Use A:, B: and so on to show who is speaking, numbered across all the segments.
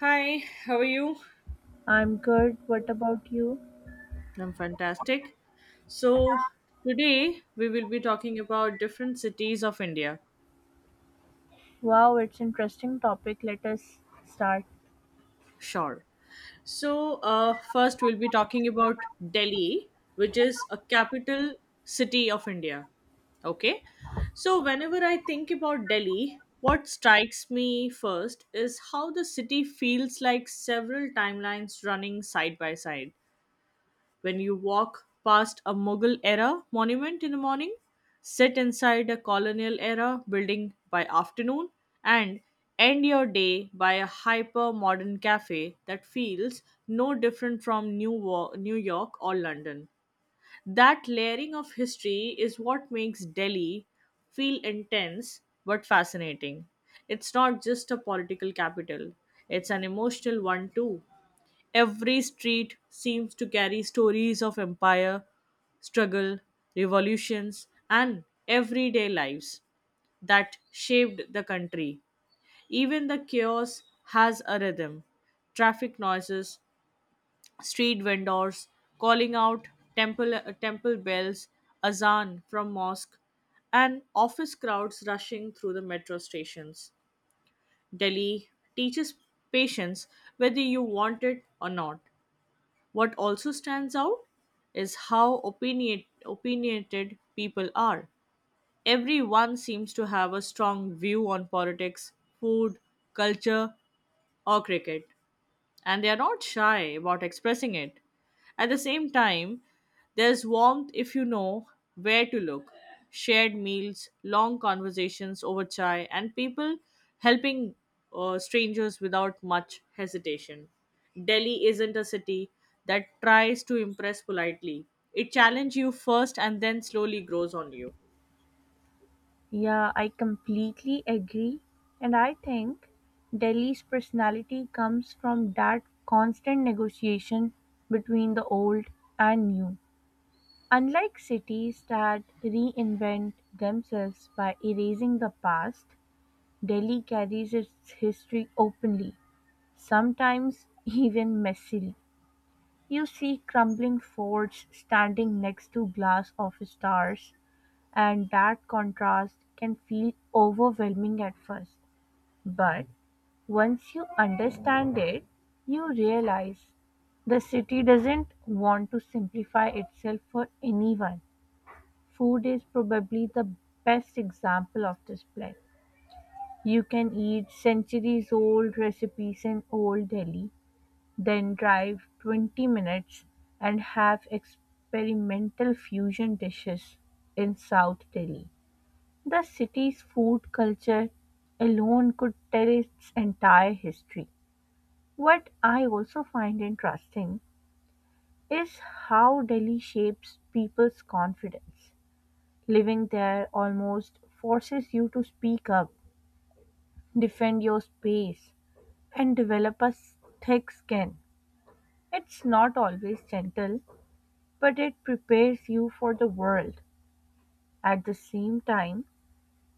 A: Hi, how are you?
B: I'm good. What about you?
A: I'm fantastic. So, today we will be talking about different cities of India.
B: Wow, it's interesting topic. Let us start.
A: Sure. So, first we'll be talking about Delhi, which is a capital city of India. Okay. So, whenever I think about Delhi, what strikes me first is how the city feels like several timelines running side by side. When you walk past a Mughal era monument in the morning, sit inside a colonial era building by afternoon, and end your day by a hyper modern cafe that feels no different from New York or London. That layering of history is what makes Delhi feel intense but fascinating. It's not just a political capital, it's an emotional one too. Every street seems to carry stories of empire, struggle, revolutions, and everyday lives that shaped the country. Even the chaos has a rhythm. Traffic noises, street vendors calling out temple bells, azan from mosque, and office crowds rushing through the metro stations. Delhi teaches patience whether you want it or not. What also stands out is how opinionated people are. Everyone seems to have a strong view on politics, food, culture, or cricket, and they are not shy about expressing it. At the same time, there's warmth if you know where to look. Shared meals, long conversations over chai, and people helping strangers without much hesitation. Delhi isn't a city that tries to impress politely. It challenges you first and then slowly grows on you.
B: Yeah, I completely agree. And I think Delhi's personality comes from that constant negotiation between the old and new. Unlike cities that reinvent themselves by erasing the past, Delhi carries its history openly, sometimes even messily. You see crumbling forts standing next to glass of stars, and that contrast can feel overwhelming at first. But once you understand it, you realize the city doesn't want to simplify itself for anyone. Food is probably the best example of this plan. You can eat centuries old recipes in old Delhi, then drive 20 minutes and have experimental fusion dishes in South Delhi. The city's food culture alone could tell its entire history. What I also find interesting is how Delhi shapes people's confidence. Living there almost forces you to speak up, defend your space, and thick skin. It's not always gentle, but it prepares you for the world. At the same time,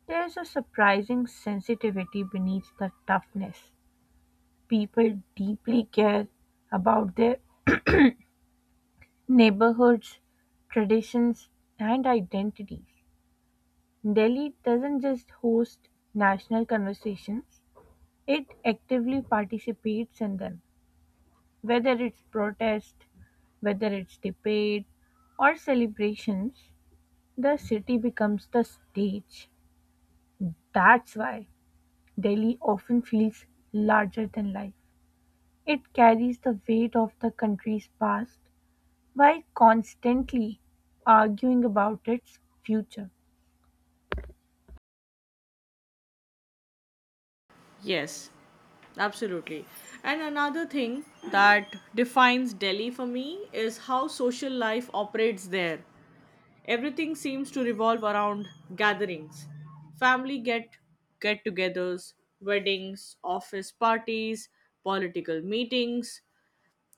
B: there's a surprising sensitivity beneath the toughness. People deeply care about their neighborhoods, traditions, and identities. Delhi doesn't just host national conversations, it actively participates in them, whether it's protest, whether it's debate, or celebrations, the city becomes the stage. That's why Delhi often feels larger than life. It carries the weight of the country's past while constantly arguing about its future.
A: Yes, absolutely. And another thing that defines Delhi for me is how social life operates there. Everything seems to revolve around gatherings, family get-togethers, weddings, office parties, political meetings,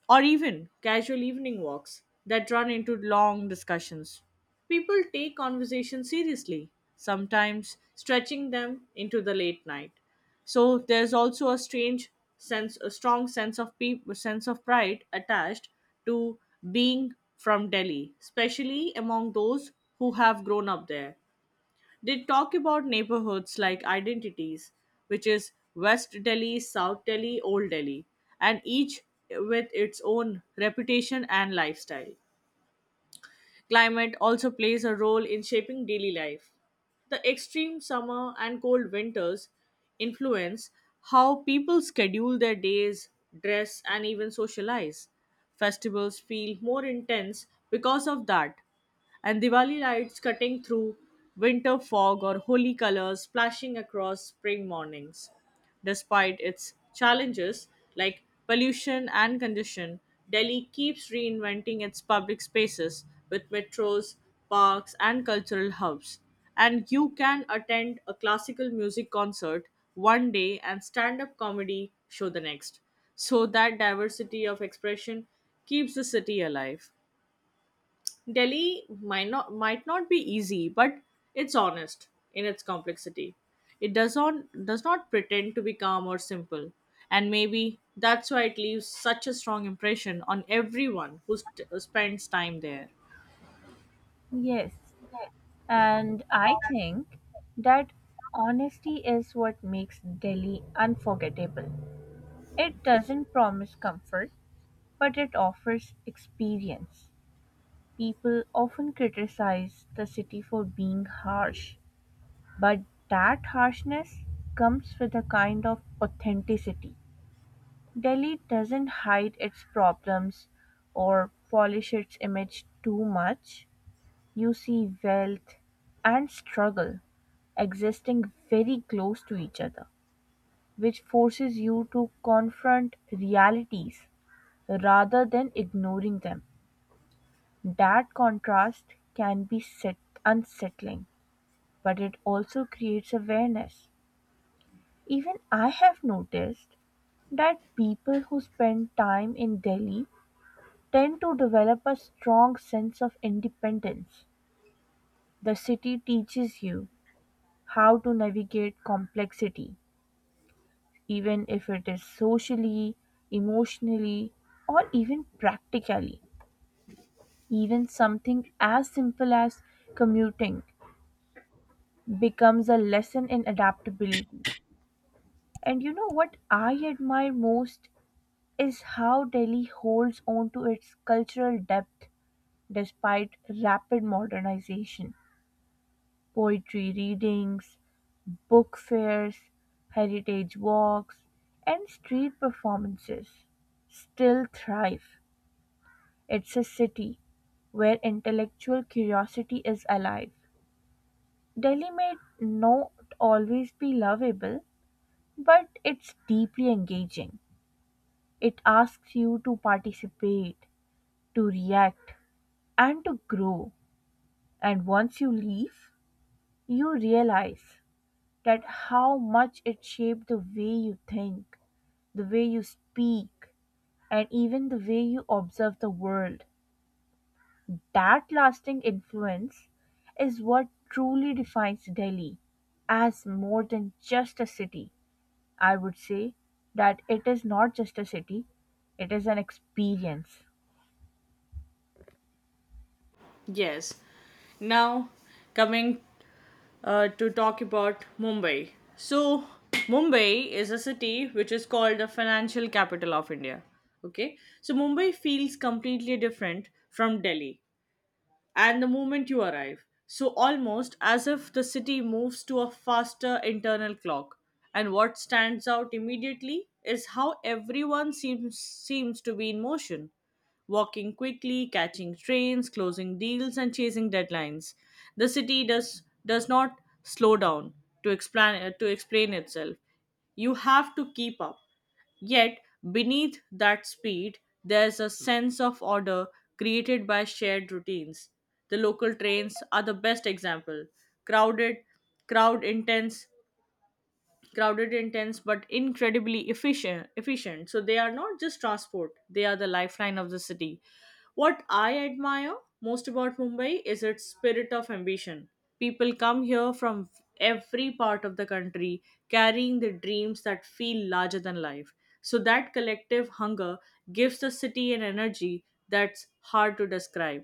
A: or even casual evening walks that run into long discussions. People take conversations seriously, sometimes stretching them into the late night. So there's also a strong sense of pride attached to being from Delhi, especially among those who have grown up there. They talk about neighborhoods like identities, which is West Delhi, South Delhi, Old Delhi, and each with its own reputation and lifestyle. Climate also plays a role in shaping daily life. The extreme summer and cold winters influence how people schedule their days, dress, and even socialize. Festivals feel more intense because of that, and Diwali lights cutting through winter fog or holy colors splashing across spring mornings. Despite its challenges like pollution and congestion, Delhi keeps reinventing its public spaces with metros, parks, and cultural hubs. And you can attend a classical music concert one day and stand up comedy show the next. So that diversity of expression keeps the city alive. Delhi might not be easy, but it's honest in its complexity. It does not pretend to be calm or simple, and maybe that's why it leaves such a strong impression on everyone who spends time there.
B: Yes, and I think that honesty is what makes Delhi unforgettable. It doesn't promise comfort, but it offers experience. People often criticize the city for being harsh, but that harshness comes with a kind of authenticity. Delhi doesn't hide its problems or polish its image too much. You see wealth and struggle existing very close to each other, which forces you to confront realities rather than ignoring them. That contrast can be set- unsettling, but it also creates awareness. Even I have noticed that people who spend time in Delhi tend to develop a strong sense of independence. The city teaches you how to navigate complexity, even if it is socially, emotionally, or even practically. Even something as simple as commuting becomes a lesson in adaptability. And you know what I admire most is how Delhi holds onto its cultural depth despite rapid modernization. Poetry readings, book fairs, heritage walks, and street performances still thrive. It's a city where intellectual curiosity is alive. Delhi may not always be lovable, but it's deeply engaging. It asks you to participate, to react, and to grow. And once you leave, you realize that how much it shaped the way you think, the way you speak, and even the way you observe the world. That lasting influence is what truly defines Delhi as more than just a city. I would say that it is not just a city, it is an experience.
A: Yes. Now, coming to talk about Mumbai. So, Mumbai is a city which is called the financial capital of India. Okay. So, Mumbai feels completely different from Delhi and the moment you arrive. So, almost as if the city moves to a faster internal clock. And what stands out immediately is how everyone seems to be in motion, walking quickly, catching trains, closing deals, and chasing deadlines. The city does not slow down to explain itself. You have to keep up. Yet beneath that speed, there's a sense of order created by shared routines. The local trains are the best example. Crowded, crowd intense, Crowded, intense, but incredibly efficient, so they are not just transport, they are the lifeline of the city. What I admire most about Mumbai is its spirit of ambition. People come here from every part of the country, carrying the dreams that feel larger than life. So that collective hunger gives the city an energy that's hard to describe.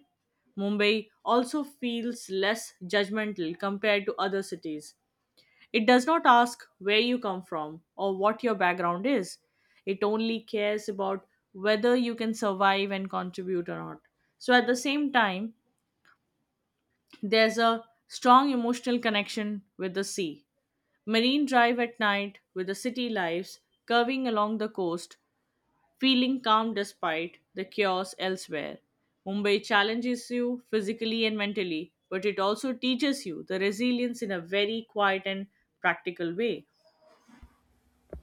A: Mumbai also feels less judgmental compared to other cities. It does not ask where you come from or what your background is. It only cares about whether you can survive and contribute or not. So, at the same time, there's a strong emotional connection with the sea. Marine drive at night with the city lives curving along the coast, feeling calm despite the chaos elsewhere. Mumbai challenges you physically and mentally, but it also teaches you the resilience in a very quiet and practical way.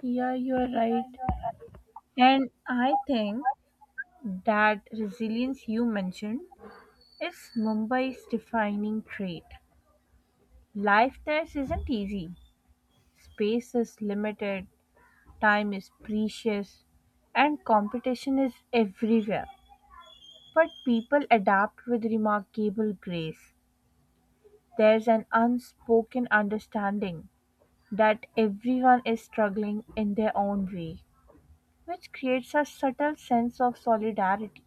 B: Yeah, you are right. And I think that resilience you mentioned is Mumbai's defining trait. Life there isn't easy. Space is limited, time is precious, and competition is everywhere. But people adapt with remarkable grace. There's an unspoken understanding that everyone is struggling in their own way, which creates a subtle sense of solidarity.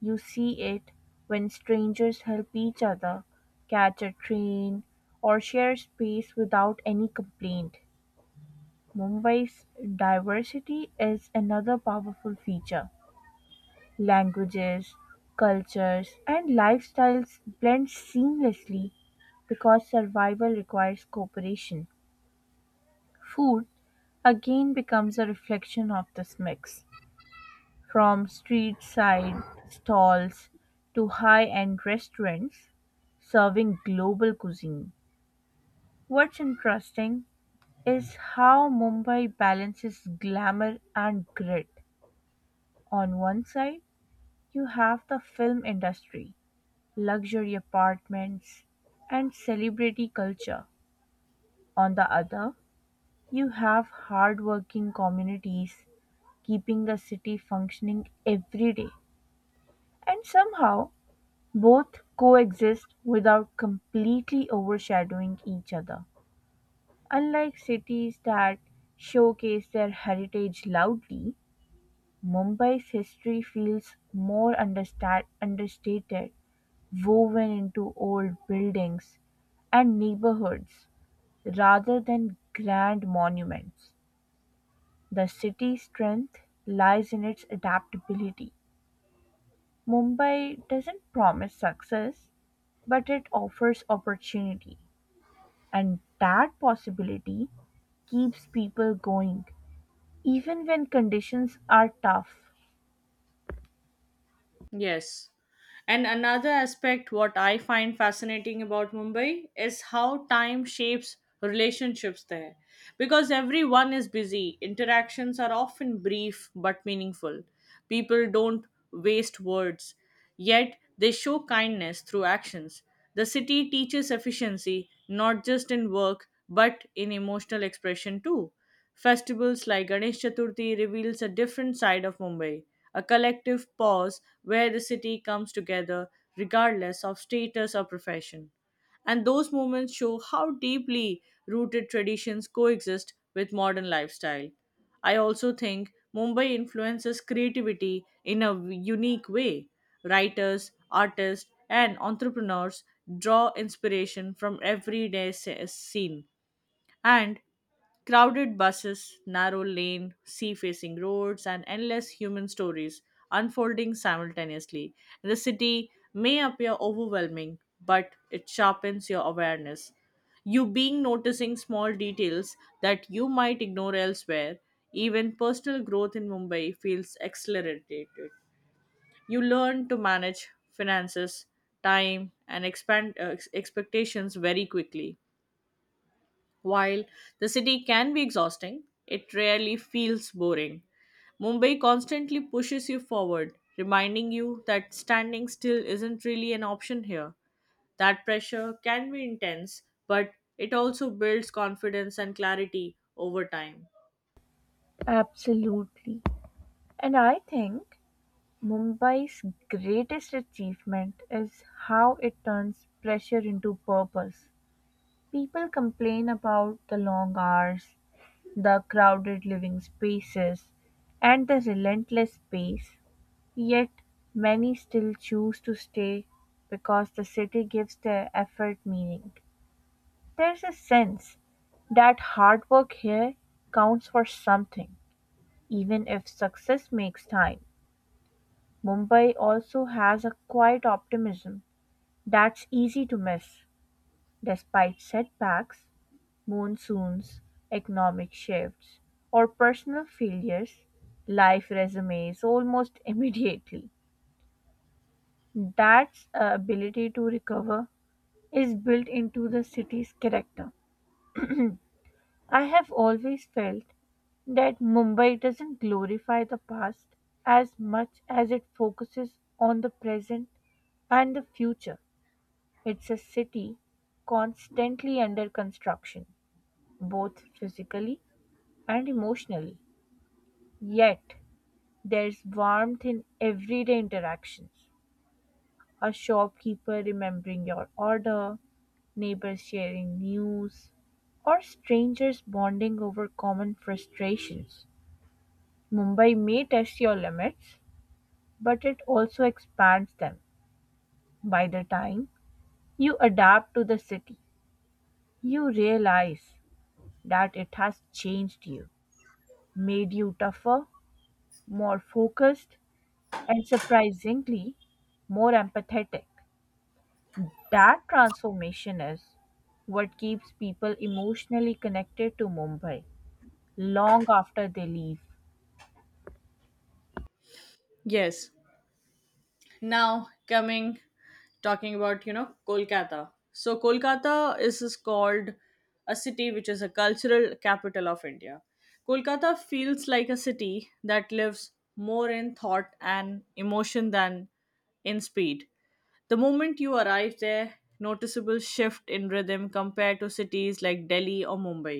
B: You see it when strangers help each other catch a train or share space without any complaint. Mumbai's diversity is another powerful feature. Languages, cultures, and lifestyles blend seamlessly because survival requires cooperation. Food again becomes a reflection of this mix. From street-side stalls to high-end restaurants serving global cuisine. What's interesting is how Mumbai balances glamour and grit. On one side, you have the film industry, luxury apartments, and celebrity culture. On the other, you have hardworking communities keeping the city functioning every day. And somehow, both coexist without completely overshadowing each other. Unlike cities that showcase their heritage loudly, Mumbai's history feels more understa- understated, woven into old buildings and neighborhoods rather than grand monuments. The city's strength lies in its adaptability. Mumbai doesn't promise success, but it offers opportunity. And that possibility keeps people going, even when conditions are tough.
A: Yes. And another aspect what I find fascinating about Mumbai is how time shapes relationships there. Because everyone is busy, interactions are often brief but meaningful. People don't waste words, yet they show kindness through actions. The city teaches efficiency not just in work but in emotional expression too. Festivals like Ganesh Chaturthi reveals a different side of Mumbai, a collective pause where the city comes together regardless of status or profession. And those moments show how deeply rooted traditions coexist with modern lifestyle. I also think Mumbai influences creativity in a unique way. Writers, artists, and entrepreneurs draw inspiration from everyday scene, and crowded buses, narrow lane, sea facing roads, and endless human stories unfolding simultaneously. The city may appear overwhelming, but it sharpens your awareness. You being noticing small details that you might ignore elsewhere, even personal growth in Mumbai feels accelerated. You learn to manage finances, time, and expectations very quickly. While the city can be exhausting, it rarely feels boring. Mumbai constantly pushes you forward, reminding you that standing still isn't really an option here. That pressure can be intense, but it also builds confidence and clarity over time.
B: Absolutely. And I think Mumbai's greatest achievement is how it turns pressure into purpose. People complain about the long hours, the crowded living spaces, and the relentless pace. Yet, many still choose to stay because the city gives their effort meaning. There's a sense that hard work here counts for something, even if success makes time. Mumbai also has a quiet optimism that's easy to miss. Despite setbacks, monsoons, economic shifts, or personal failures, life resumes almost immediately. That ability to recover is built into the city's character. I have always felt that Mumbai doesn't glorify the past as much as it focuses on the present and the future. It's a city constantly under construction, both physically and emotionally. Yet, there's warmth in everyday interactions. A shopkeeper remembering your order, neighbors sharing news, or strangers bonding over common frustrations. Mumbai may test your limits, but it also expands them. By the time you adapt to the city, you realize that it has changed you, made you tougher, more focused, and surprisingly, more empathetic. That transformation is what keeps people emotionally connected to Mumbai long after they leave.
A: Yes. Now, coming talking about Kolkata. So Kolkata is called a city which is a cultural capital of India. Kolkata feels like a city that lives more in thought and emotion than in speed. The moment you arrive there, noticeable shift in rhythm compared to cities like Delhi or Mumbai.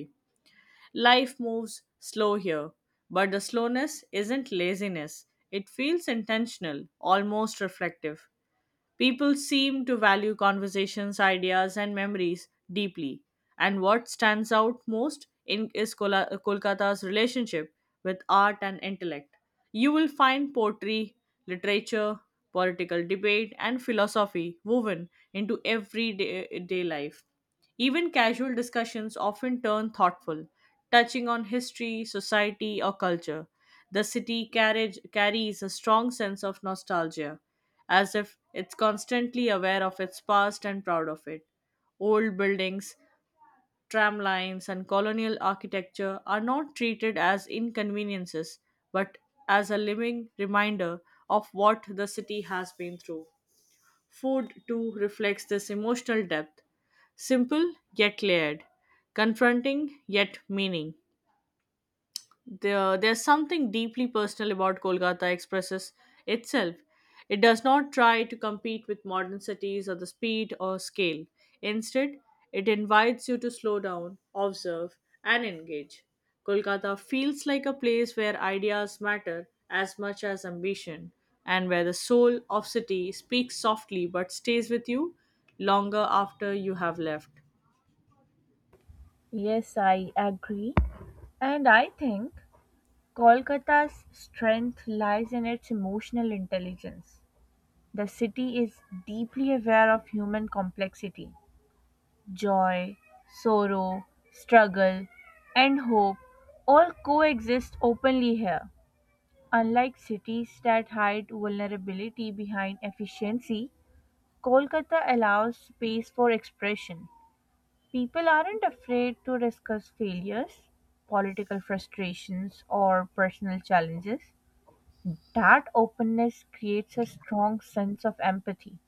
A: Life moves slow here, but the slowness isn't laziness, it feels intentional, almost reflective. People seem to value conversations, ideas, and memories deeply. And what stands out most in is Kola- Kolkata's relationship with art and intellect. You will find poetry, literature, political debate, and philosophy woven into everyday day life. Even casual discussions often turn thoughtful, touching on history, society, or culture. The city carries a strong sense of nostalgia, as if it's constantly aware of its past and proud of it. Old buildings, tram lines, and colonial architecture are not treated as inconveniences but as a living reminder of what the city has been through. Food, too, reflects this emotional depth, simple yet layered, confronting yet meaning. There's something deeply personal about Kolkata expresses itself. It does not try to compete with modern cities or the speed or scale. Instead, it invites you to slow down, observe, and engage. Kolkata feels like a place where ideas matter as much as ambition, and where the soul of city speaks softly but stays with you longer after you have left.
B: Yes, I agree. And I think Kolkata's strength lies in its emotional intelligence. The city is deeply aware of human complexity. Joy, sorrow, struggle, and hope all coexist openly here. Unlike cities that hide vulnerability behind efficiency, Kolkata allows space for expression. People aren't afraid to discuss failures, political frustrations, or personal challenges. That openness creates a strong sense of empathy.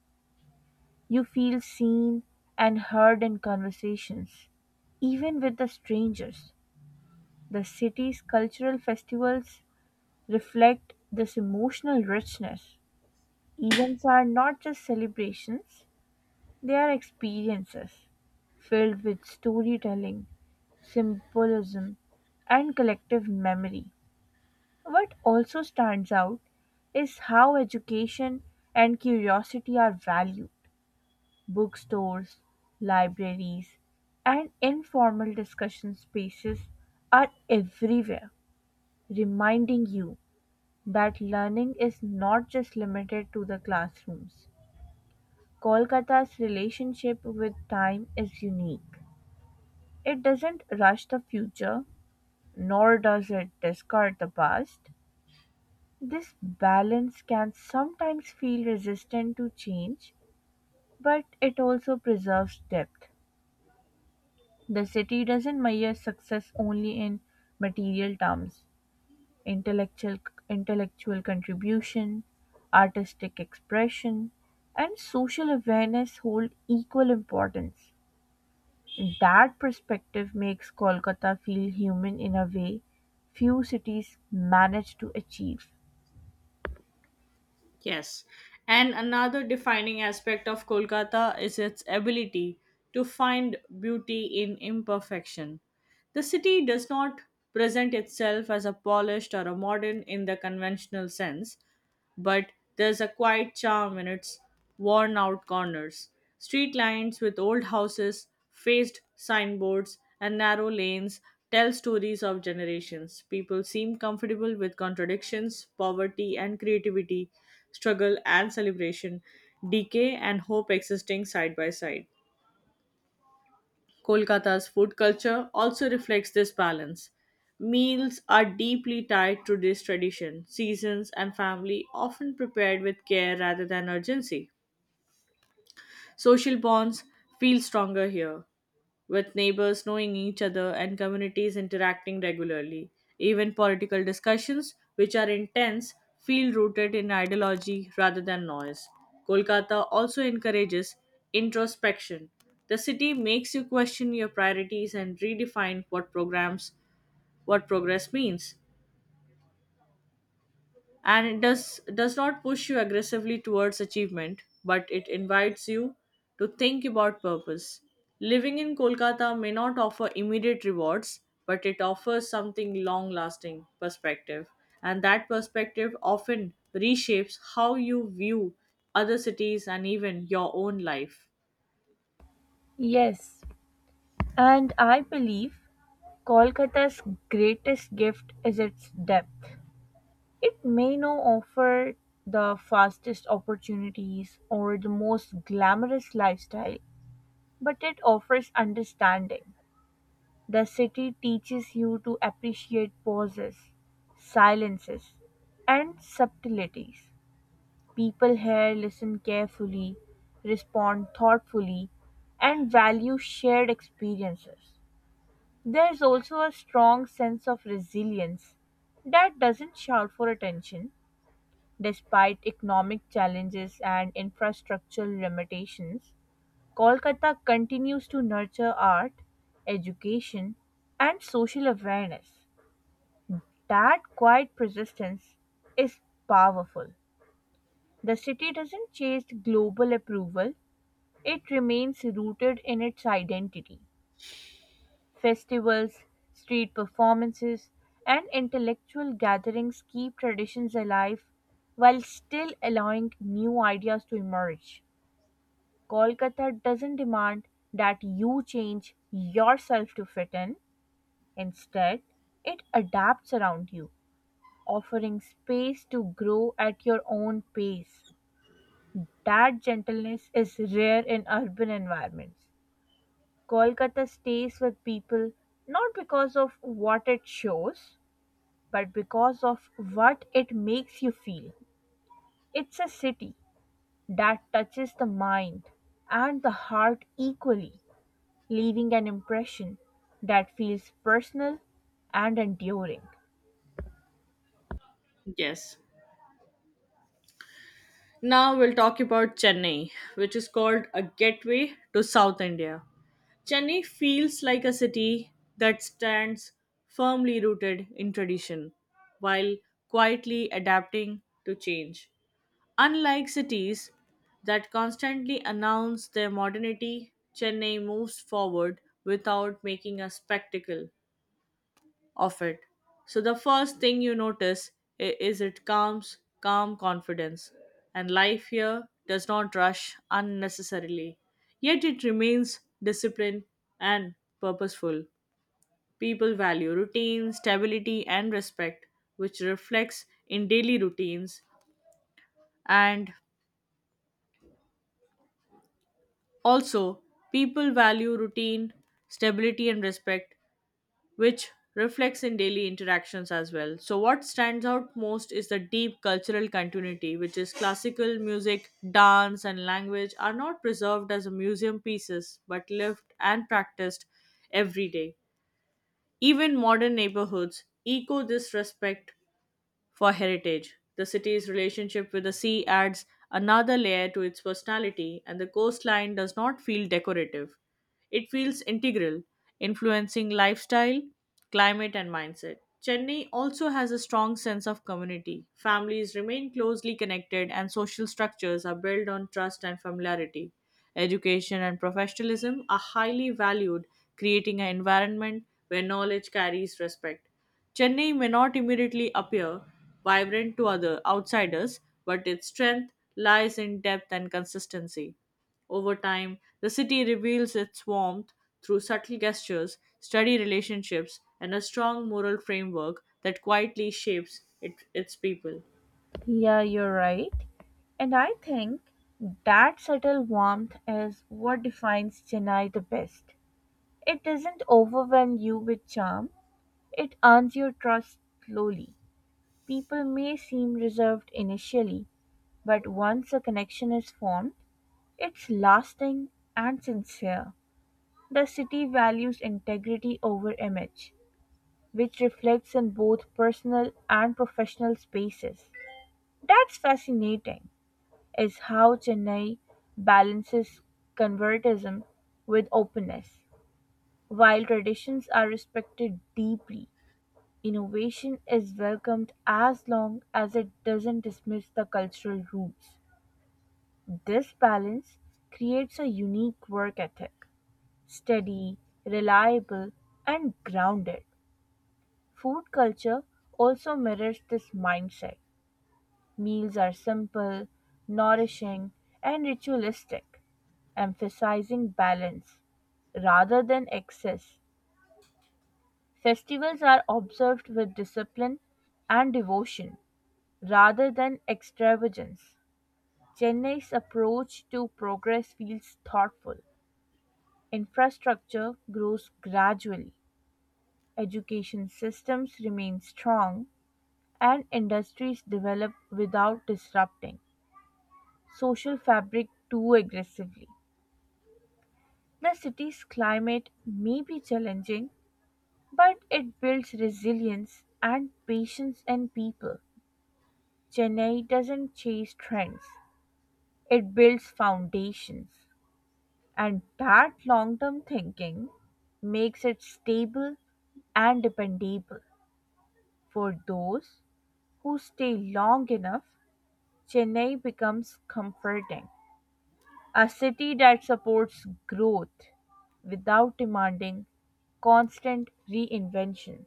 B: You feel seen and heard in conversations, even with the strangers. The city's cultural festivals reflect this emotional richness. Events are not just celebrations, they are experiences filled with storytelling, symbolism, and collective memory. What also stands out is how education and curiosity are valued. Bookstores, libraries, and informal discussion spaces are everywhere, reminding you that learning is not just limited to the classrooms. Kolkata's relationship with time is unique. It doesn't rush the future, nor does it discard the past. This balance can sometimes feel resistant to change, but it also preserves depth. The city doesn't measure success only in material terms. Intellectual intellectual contribution, artistic expression, and social awareness hold equal importance. That perspective makes Kolkata feel human in a way few cities manage to achieve.
A: Yes. And another defining aspect of Kolkata is its ability to find beauty in imperfection. The city does not present itself as a polished or a modern in the conventional sense, but there's a quiet charm in its worn out corners. Street lines with old houses, faced signboards, and narrow lanes tell stories of generations. People seem comfortable with contradictions, poverty and creativity, struggle and celebration, decay and hope existing side by side. Kolkata's food culture also reflects this balance. Meals are deeply tied to this tradition, seasons, and family, often prepared with care rather than urgency. Social bonds feel stronger here, with neighbors knowing each other and communities interacting regularly. Even political discussions, which are intense, feel rooted in ideology rather than noise. Kolkata also encourages introspection. The city makes you question your priorities and redefine what progress means, and it does not push you aggressively towards achievement, but it invites you to think about purpose. Living in Kolkata may not offer immediate rewards, but it offers something long lasting perspective, and that perspective often reshapes how you view other cities and even your own life.
B: Yes, and I believe Kolkata's greatest gift is its depth. It may not offer the fastest opportunities or the most glamorous lifestyle, but it offers understanding. The city teaches you to appreciate pauses, silences, and subtleties. People here listen carefully, respond thoughtfully, and value shared experiences. There's also a strong sense of resilience that doesn't shout for attention. Despite economic challenges and infrastructural limitations, Kolkata continues to nurture art, education, and social awareness. That quiet persistence is powerful. The city doesn't chase global approval, it remains rooted in its identity. Festivals, street performances, and intellectual gatherings keep traditions alive while still allowing new ideas to emerge. Kolkata doesn't demand that you change yourself to fit in. Instead, it adapts around you, offering space to grow at your own pace. That gentleness is rare in urban environments. Kolkata stays with people not because of what it shows, but because of what it makes you feel. It's a city that touches the mind and the heart equally, leaving an impression that feels personal and enduring.
A: Yes. Now we'll talk about Chennai, which is called a gateway to South India. Chennai feels like a city that stands firmly rooted in tradition while quietly adapting to change. Unlike cities that constantly announce their modernity, Chennai moves forward without making a spectacle of it. So the first thing you notice I- is it calms, calm confidence, and life here does not rush unnecessarily. Yet it remains disciplined and purposeful. People value routine, stability, and respect, which reflects in daily routines. And also, people value routine, stability, and respect, which reflects in daily interactions as well. So, what stands out most is the deep cultural continuity, which is classical music, dance, and language are not preserved as museum pieces but lived and practiced every day. Even modern neighborhoods echo this respect for heritage. The city's relationship with the sea adds another layer to its personality, and the coastline does not feel decorative. It feels integral, influencing lifestyle, climate, and mindset. Chennai also has a strong sense of community. Families remain closely connected, and social structures are built on trust and familiarity. Education and professionalism are highly valued, creating an environment where knowledge carries respect. Chennai may not immediately appear vibrant to other outsiders, but its strength lies in depth and consistency. Over time, the city reveals its warmth through subtle gestures, steady relationships, and a strong moral framework that quietly shapes its people.
B: Yeah, you're right. And I think that subtle warmth is what defines Chennai the best. It doesn't overwhelm you with charm, it earns your trust slowly. People may seem reserved initially, but once a connection is formed, it's lasting and sincere. The city values integrity over image, which reflects in both personal and professional spaces. That's fascinating, is how Chennai balances convertism with openness. While traditions are respected deeply, innovation is welcomed as long as it doesn't dismiss the cultural roots. This balance creates a unique work ethic. Steady, reliable, and grounded. Food culture also mirrors this mindset. Meals are simple, nourishing, and ritualistic, emphasizing balance rather than excess. Festivals are observed with discipline and devotion rather than extravagance. Chennai's approach to progress feels thoughtful. Infrastructure grows gradually, education systems remain strong, and industries develop without disrupting social fabric too aggressively. The city's climate may be challenging, but it builds resilience and patience in people. Chennai doesn't chase trends, it builds foundations, and that long term thinking makes it stable and dependable for those who stay long enough. Chennai becomes comforting, a city that supports growth without demanding constant reinvention.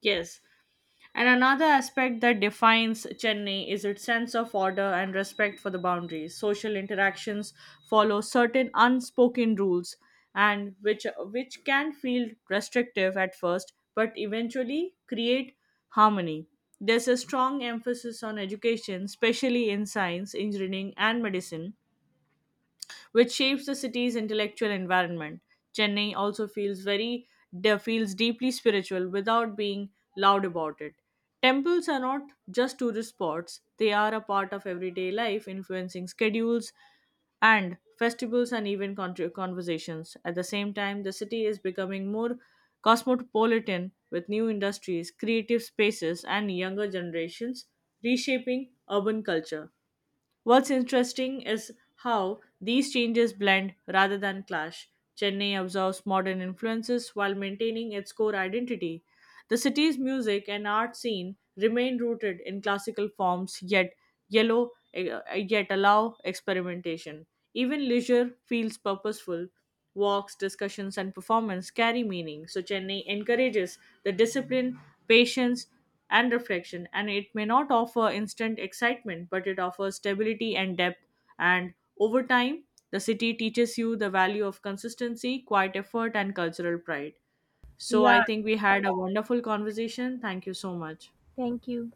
A: Yes. And another aspect that defines Chennai is its sense of order and respect for the boundaries. Social interactions follow certain unspoken rules, and which can feel restrictive at first but eventually create harmony. There's a strong emphasis on education, especially in science, engineering and medicine, which shapes the city's intellectual environment. Chennai also feels deeply spiritual without being loud about it. Temples are not just tourist spots; they are a part of everyday life, influencing schedules and festivals and even conversations. At the same time, the city is becoming more cosmopolitan with new industries, creative spaces, and younger generations reshaping urban culture. What's interesting is how these changes blend rather than clash. Chennai absorbs modern influences while maintaining its core identity. The city's music and art scene remain rooted in classical forms, yellow eh, yet allow experimentation. Even leisure feels purposeful. Walks, discussions, and performance carry meaning. So Chennai encourages the discipline, patience, and reflection, and it may not offer instant excitement, but it offers stability and depth. And over time, the city teaches you the value of consistency, quiet effort, and cultural pride. So I
B: Yeah,
A: think we had a wonderful conversation. Thank you so much.
B: thank you.